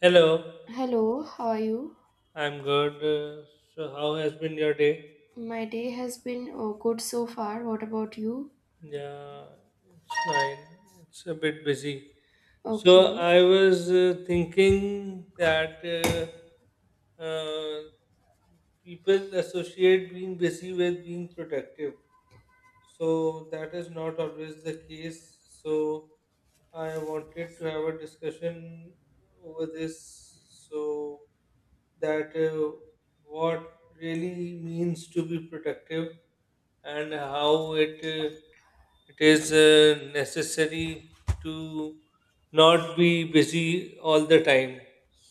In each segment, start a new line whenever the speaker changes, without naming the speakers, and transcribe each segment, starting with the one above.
Hello,
Hello, how are you?
I'm good. So how has been your day?
My day has been good so far. What about you?
Yeah, it's fine. It's a bit busy. So,
Okay.
I was thinking that people associate being busy with being productive. So that is not always the case. So I wanted to have a discussion over this so that what really means to be productive and how it is necessary to not be busy all the time.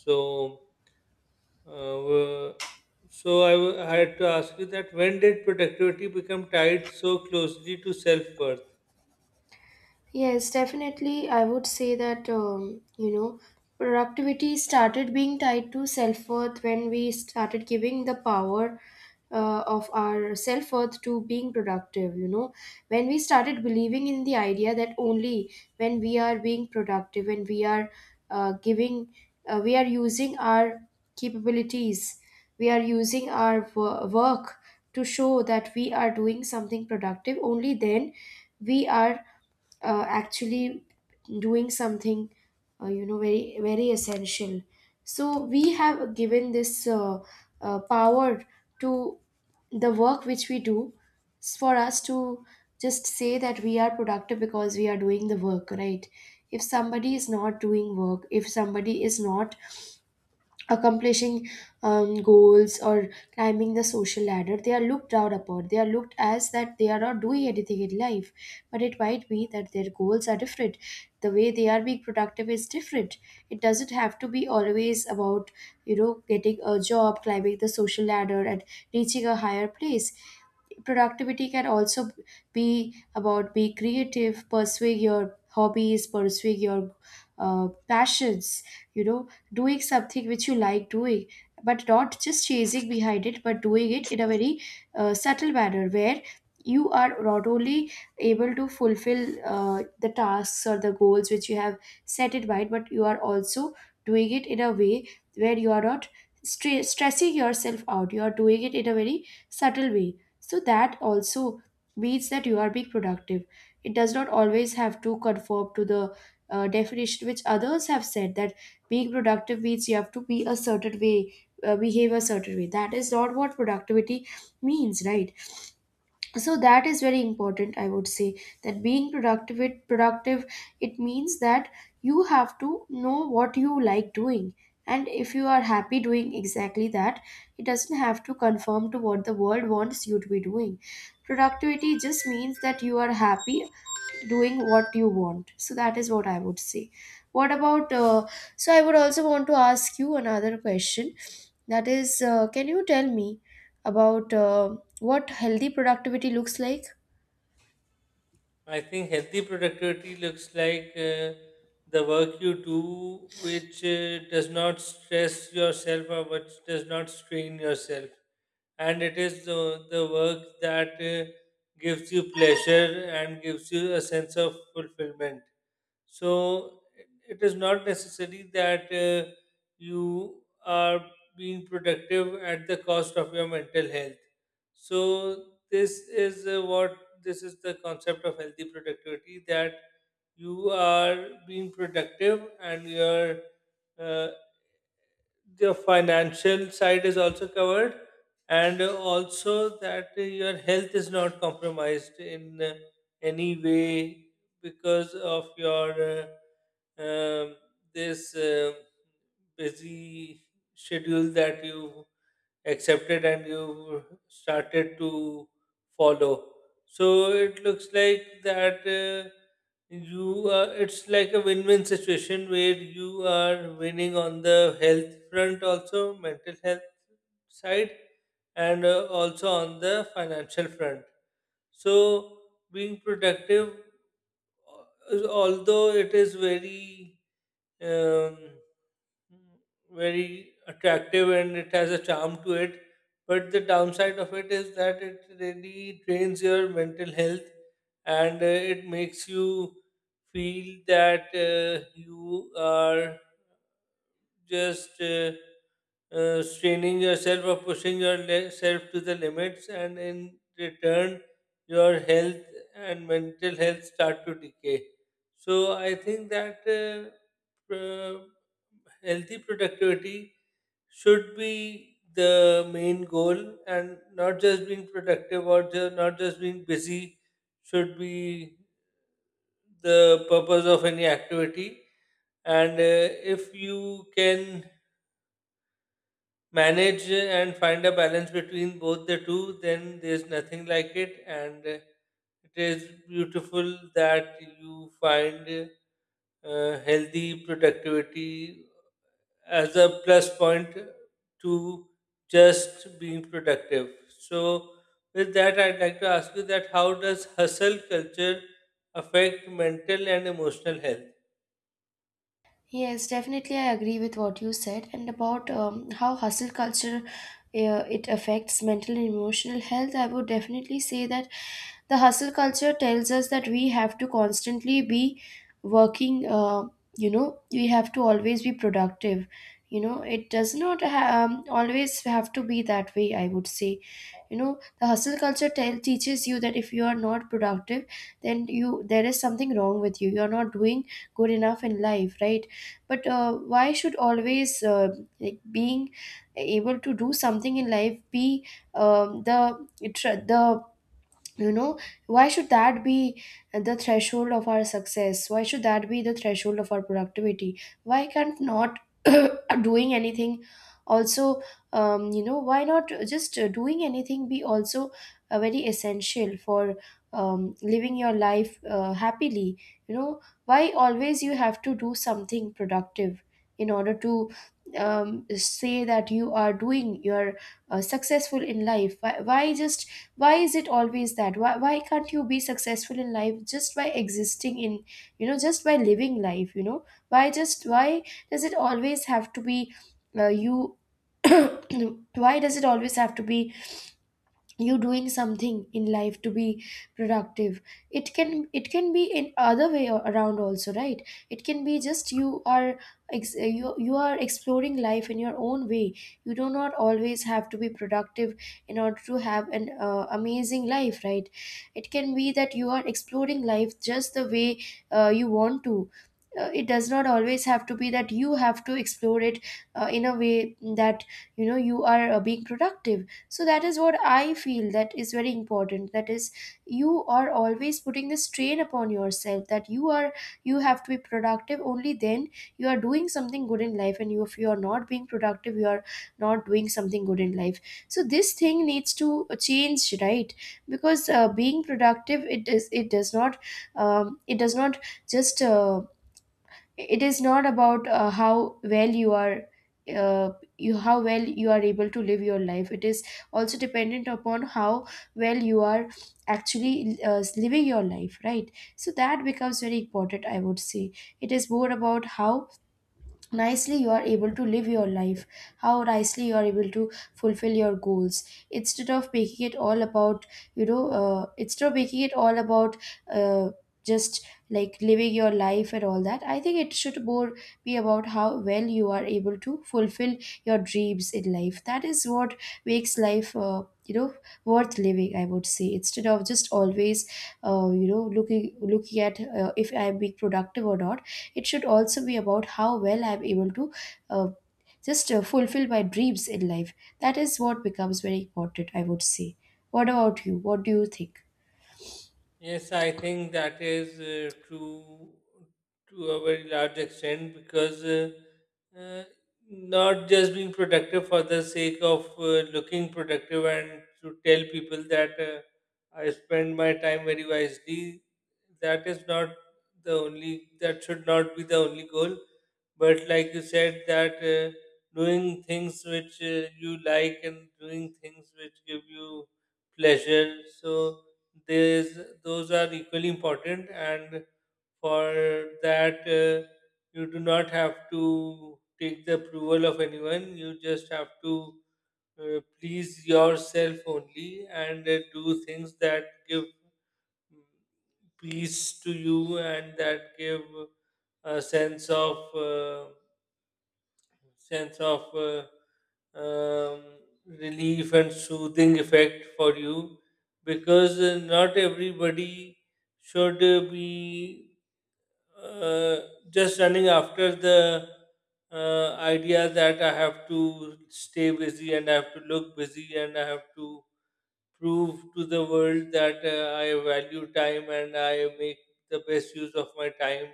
So uh, so I had to ask you that when did productivity become tied so closely to self worth?
Yes, definitely. I would say that, you know, productivity started being tied to self worth when we started giving the power of our self worth to being productive, you know. When we started believing in the idea that only when we are being productive and we are uh, giving, we are using our capabilities, we are using our work to show that we are doing something productive, only then we are actually doing something you know, very very essential. So we have given this power to the work which we do. It's for us to just say that we are productive because we are doing the work, right? If somebody is not doing work, if somebody is not accomplishing goals or climbing the social ladder, they are looked down upon, they are looked as that they are not doing anything in life, but it might be that their goals are different, the way they are being productive is different. It doesn't have to be always about, you know, getting a job, climbing the social ladder and reaching a higher place. Productivity can also be about being creative, pursuing your hobbies, pursuing your passions, you know, doing something which you like doing, but not just chasing behind it, but doing it in a very subtle manner where you are not only able to fulfill the tasks or the goals which you have set in mind, but you are also doing it in a way where you are not stressing yourself out. You are doing it in a very subtle way, so that also means that you are being productive. It does not always have to conform to the definition which others have said, that being productive means you have to be a certain way, behave a certain way. That is not what productivity means, right? So that is very important, I would say, that being productive, it productive, it means that you have to know what you like doing, and if you are happy doing exactly that, it doesn't have to conform to what the world wants you to be doing. Productivity just means that you are happy doing what you want. So that is what I would say. What about? So I would also want to ask you another question. That is, can you tell me about what healthy productivity looks like?
I think healthy productivity looks like the work you do which does not stress yourself or which does not strain yourself. And it is the work that gives you pleasure and gives you a sense of fulfillment. So it is not necessary that you are being productive at the cost of your mental health. So this is the concept of healthy productivity, that you are being productive and your uh, the financial side is also covered, and also that your health is not compromised in any way because of your uh, um, this busy schedule that you accepted and you started to follow. So it looks like that it's like a win-win situation where you are winning on the health front also, mental health side, and also on the financial front. So being productive, although it is very um, very attractive and it has a charm to it. But the downside of it is that it really drains your mental health, and it makes you feel that you are just straining yourself or pushing yourself to the limits, and in return, your health and mental health start to decay. So, I think that pro- healthy productivity should be the main goal, and not just being productive or not just being busy should be the purpose of any activity. And if you can manage and find a balance between both the two, then there's nothing like it. And it is beautiful that you find healthy productivity as a plus point to just being productive. So, with that, I'd like to ask you that how does hustle culture affect mental and emotional health?
Yes, definitely, I agree with what you said, and about how hustle culture it affects mental and emotional health. I would definitely say that the hustle culture tells us that we have to constantly be working. You know, we have to always be productive. You know, it does not always have to be that way. I would say, you know, the hustle culture tell teaches you that if you are not productive, then you there is something wrong with you. You are not doing good enough in life, right? But why should always like being able to do something in life be the it- the you know, why should that be the threshold of our success? Why should that be the threshold of our productivity? Why can't not doing anything also, you know, why not just doing anything be also very essential for living your life happily? You know, why always you have to do something productive in order to say that you are doing you're successful in life? Why, just why is it always that why, can't you be successful in life just by existing in, you know, just by living life? You know, why just why does it always have to be you why does it always have to be you doing something in life to be productive? It can, it can be in other way around also, right? It can be just you are you are exploring life in your own way. You do not always have to be productive in order to have an amazing life, right? It can be that you are exploring life just the way you want to. It does not always have to be that you have to explore it in a way that, you know, you are being productive. So that is what I feel, that is very important, that is you are always putting the strain upon yourself that you are, you have to be productive, only then you are doing something good in life, and you, if you are not being productive, you are not doing something good in life. So this thing needs to change, right? Because being productive, it is, it does not just it is not about how well you are uh, you how well you are able to live your life. It is also dependent upon how well you are actually living your life, right? So that becomes very important, I would say. It is more about how nicely you are able to live your life, how nicely you are able to fulfill your goals, instead of making it all about, you know, instead of making it all about uh, just like living your life and all that. I think it should more be about how well you are able to fulfill your dreams in life. That is what makes life you know, worth living, I would say, instead of just always you know, looking at if I'm being productive or not. It should also be about how well I'm able to uh, just fulfill my dreams in life. That is what becomes very important, I would say. What about you? What do you think?
Yes, I think that is true to a very large extent, because uh, not just being productive for the sake of looking productive and to tell people that I spend my time very wisely, that is not the only, that should not be the only goal. But like you said, that doing things which you like and doing things which give you pleasure. So, these those are equally important. And for that you do not have to take the approval of anyone, you just have to please yourself only, and do things that give mm, peace to you and that give a sense of sense of uh, um, relief and soothing effect for you, because not everybody should be uh, just running after the idea that I have to stay busy and I have to look busy and I have to prove to the world that I value time and I make the best use of my time.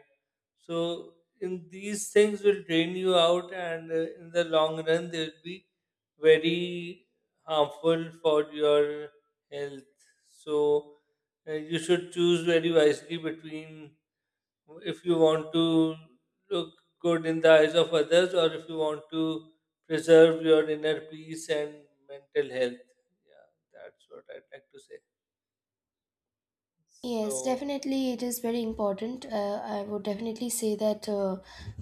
So, in these things will drain you out, and in the long run, they will be very harmful for your health. So, you should choose very wisely between if you want to look good in the eyes of others or if you want to preserve your inner peace and mental health. Yeah, that's what I'd like to say.
Yes,
So,
definitely, it is very important. I would definitely say that, uh,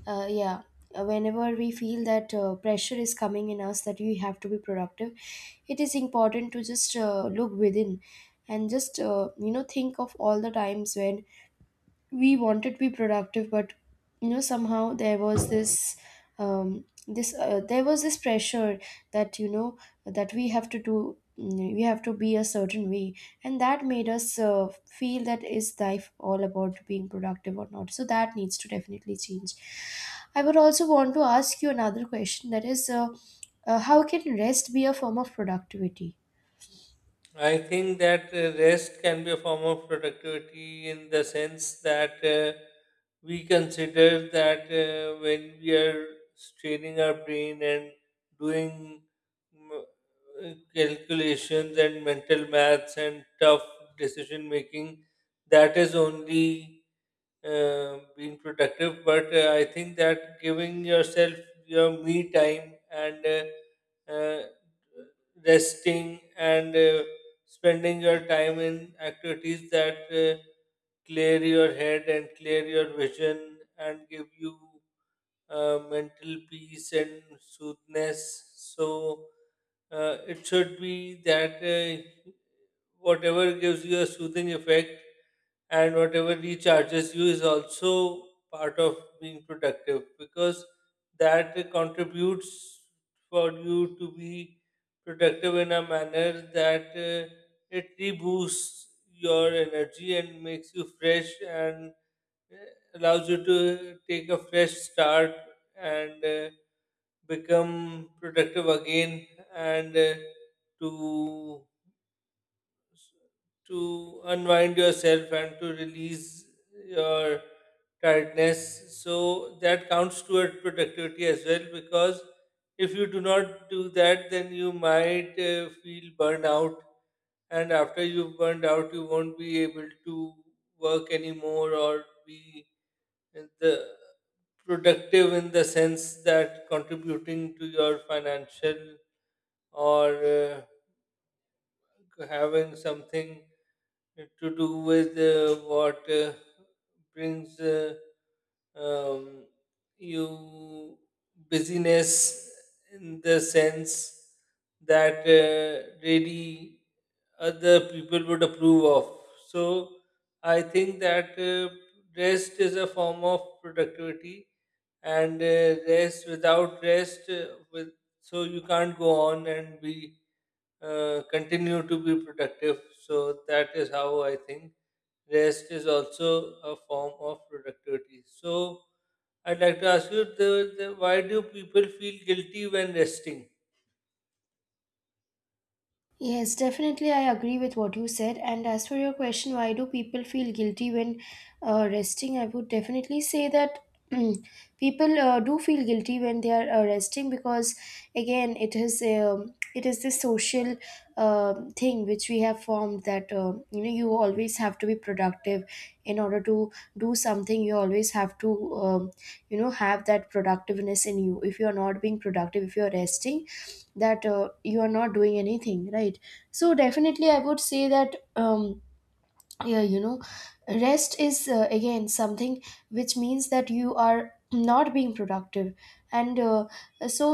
uh, yeah, whenever we feel that pressure is coming in us, that we have to be productive, it is important to just look within and just, you know, think of all the times when we wanted to be productive, but you know, somehow there was this this there was this pressure that, you know, that we have to do we have to be a certain way, and that made us feel that is life all about being productive or not. So that needs to definitely change. I would also want to ask you another question, that is, how can rest be a form of productivity?
I think that rest can be a form of productivity, in the sense that we consider that when we are straining our brain and doing mm, calculations and mental maths and tough decision making, that is only being productive. But I think that giving yourself your me time, and resting, and spending your time in activities that clear your head and clear your vision and give you mental peace and soothness. So it should be that whatever gives you a soothing effect and whatever recharges you is also part of being productive, because that contributes for you to be productive in a manner that it reboosts your energy and makes you fresh, and allows you to take a fresh start, and become productive again and to to unwind yourself and to release your tiredness. So that counts toward productivity as well, because if you do not do that, then you might feel burnout. And after you've burned out, you won't be able to work anymore, or be in the productive in the sense that contributing to your financial or having something to do with what brings um, you busyness in the sense that really other people would approve of. So I think that rest is a form of productivity, and rest without rest, with so you can't go on and be continue to be productive. So that is how I think rest is also a form of productivity. So I'd like to ask you, why do people feel guilty when resting?
Yes, definitely. I agree with what you said. And as for your question, why do people feel guilty when resting? I would definitely say that people do feel guilty when they are resting because, again, it is this social thing which we have formed, that you know, you always have to be productive in order to do something. You always have to you know, have that productiveness in you. If you are not being productive, if you are resting, that you are not doing anything, right? So definitely, I would say that, um, yeah, you know, rest is again something which means that you are not being productive, and so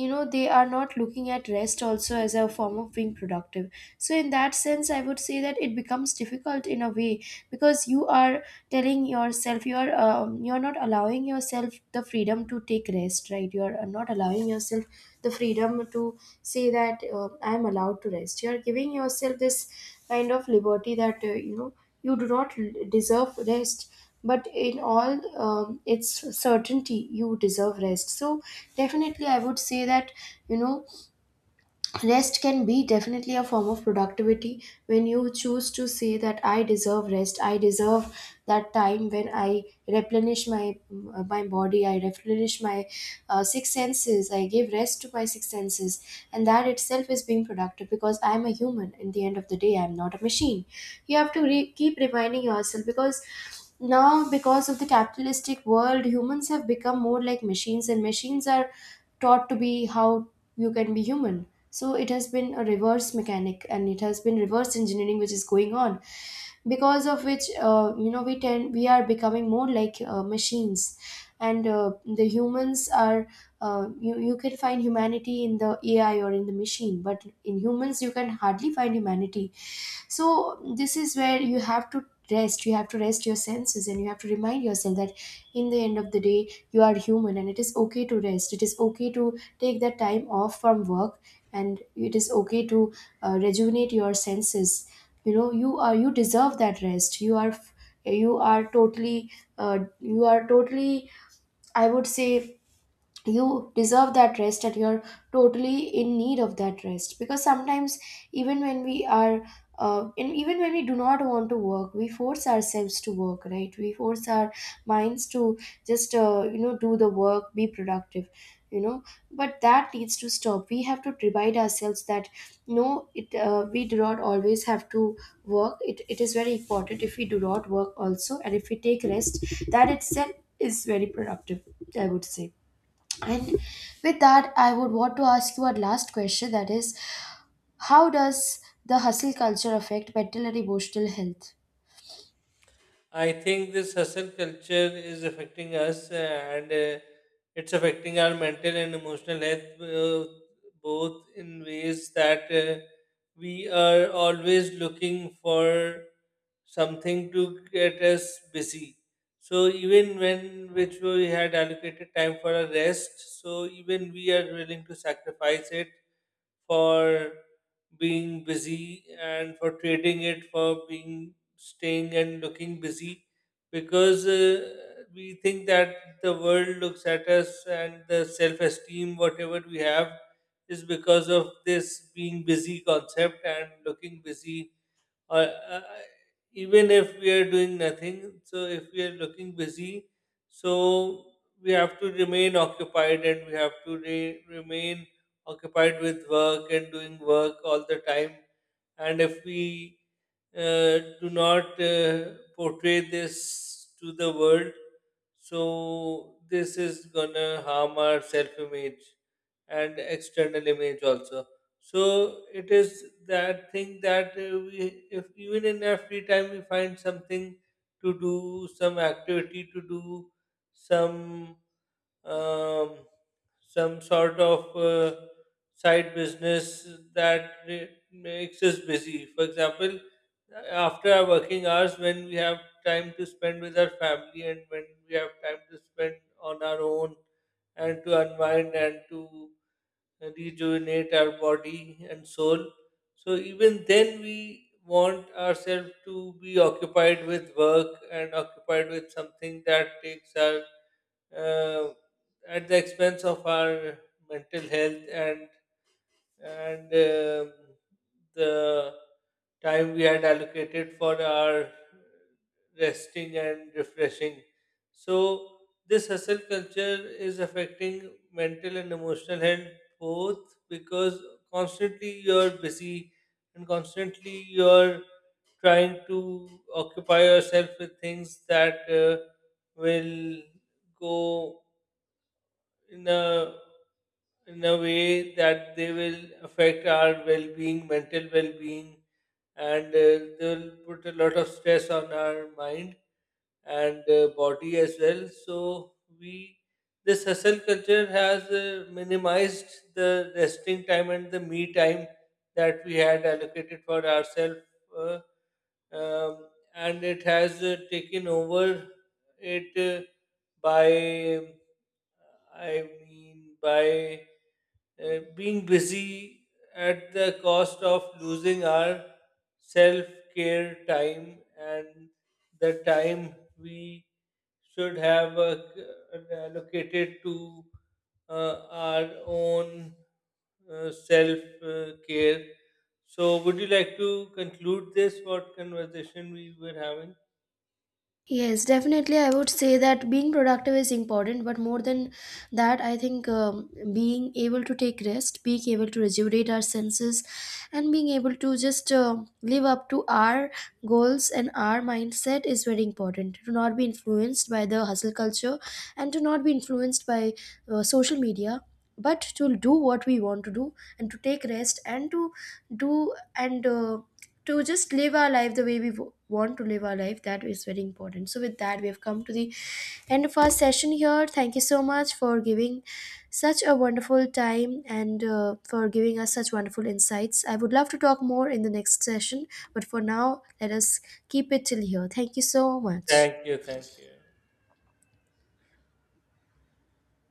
you know, they are not looking at rest also as a form of being productive. So in that sense, I would say that it becomes difficult in a way, because you are telling yourself you're not allowing yourself the freedom to take rest, right? You're not allowing yourself the freedom to say that I'm allowed to rest. You're giving yourself this kind of liberty that you know, you do not deserve rest, but in all its certainty, you deserve rest. So definitely, I would say that, you know, rest can be definitely a form of productivity when you choose to say that I deserve rest. I deserve that time when I replenish my my body. I replenish my six senses. I give rest to my six senses, and that itself is being productive, because I am a human. In the end of the day, I am not a machine. You have to keep reminding yourself, because now, because of the capitalistic world, humans have become more like machines, and machines are taught to be how you can be human. So it has been a reverse mechanic, and it has been reverse engineering which is going on, because of which, you know, we tend, we are becoming more like machines, and the humans are you can find humanity in the AI or in the machine, but in humans you can hardly find humanity. So this is where you have to rest. You have to rest your senses and you have to remind yourself that in the end of the day, you are human, and it is okay to rest. It is okay to take that time off from work, and it is okay to rejuvenate your senses. You know, you are, you deserve that rest. You are, you are totally you are totally, I would say, you deserve that rest, and you're totally in need of that rest, because sometimes even when we are and even when we do not want to work, we force ourselves to work, right? We force our minds to just you know, do the work, be productive, you know. But that needs to stop. We have to remind ourselves that no, it we do not always have to work. It is very important if we do not work also, and if we take rest, that itself is very productive, I would say. And with that, I would want to ask you a last question, that is, how does the hustle culture affect mental and emotional health?
I think this hustle culture is affecting us, and it's affecting our mental and emotional health both, in ways that we are always looking for something to get us busy. So even when which we had allocated time for a rest, so even we are willing to sacrifice it for being busy and for trading it for being staying and looking busy, because we think that the world looks at us, and the self esteem whatever we have is because of this being busy concept and looking busy, or even if we are doing nothing, so if we are looking busy. So we have to remain occupied, and we have to remain occupied with work and doing work all the time. And if we do not portray this to the world, so this is gonna harm our self-image and external image also. So it is that thing that we, if even in our free time, we find something to do, some activity to do, some um, some sort of uh, side business that makes us busy. For example, after our working hours, when we have time to spend with our family and when we have time to spend on our own, and to unwind and to rejuvenate our body and soul. So even then, we want ourselves to be occupied with work and occupied with something that takes our uh, at the expense of our mental health, and and um, the time we had allocated for our resting and refreshing. So this hustle culture is affecting mental and emotional health both, because constantly you're busy and constantly you're trying to occupy yourself with things that will go in a in a way that they will affect our well-being, mental well-being, and they'll put a lot of stress on our mind and body as well. So we this hustle culture has minimized the resting time and the me time that we had allocated for ourselves, uh, um, and it has taken over it by I mean by being busy, at the cost of losing our self care time and the time we should have allocated to our own self care. So, would you like to conclude this what conversation we were having?
Yes, definitely. I would say that being productive is important, but more than that, I think being able to take rest, being able to rejuvenate our senses, and being able to just live up to our goals and our mindset is very important. To not be influenced by the hustle culture and to not be influenced by social media, but to do what we want to do and to take rest and to do and to just live our life the way we want to live our life. That is very important. So with that, we have come to the end of our session here. Thank you so much for giving such a wonderful time, and for giving us such wonderful insights. I would love to talk more in the next session, but for now, let us keep it till here. Thank you so much.
Thank you, thank you.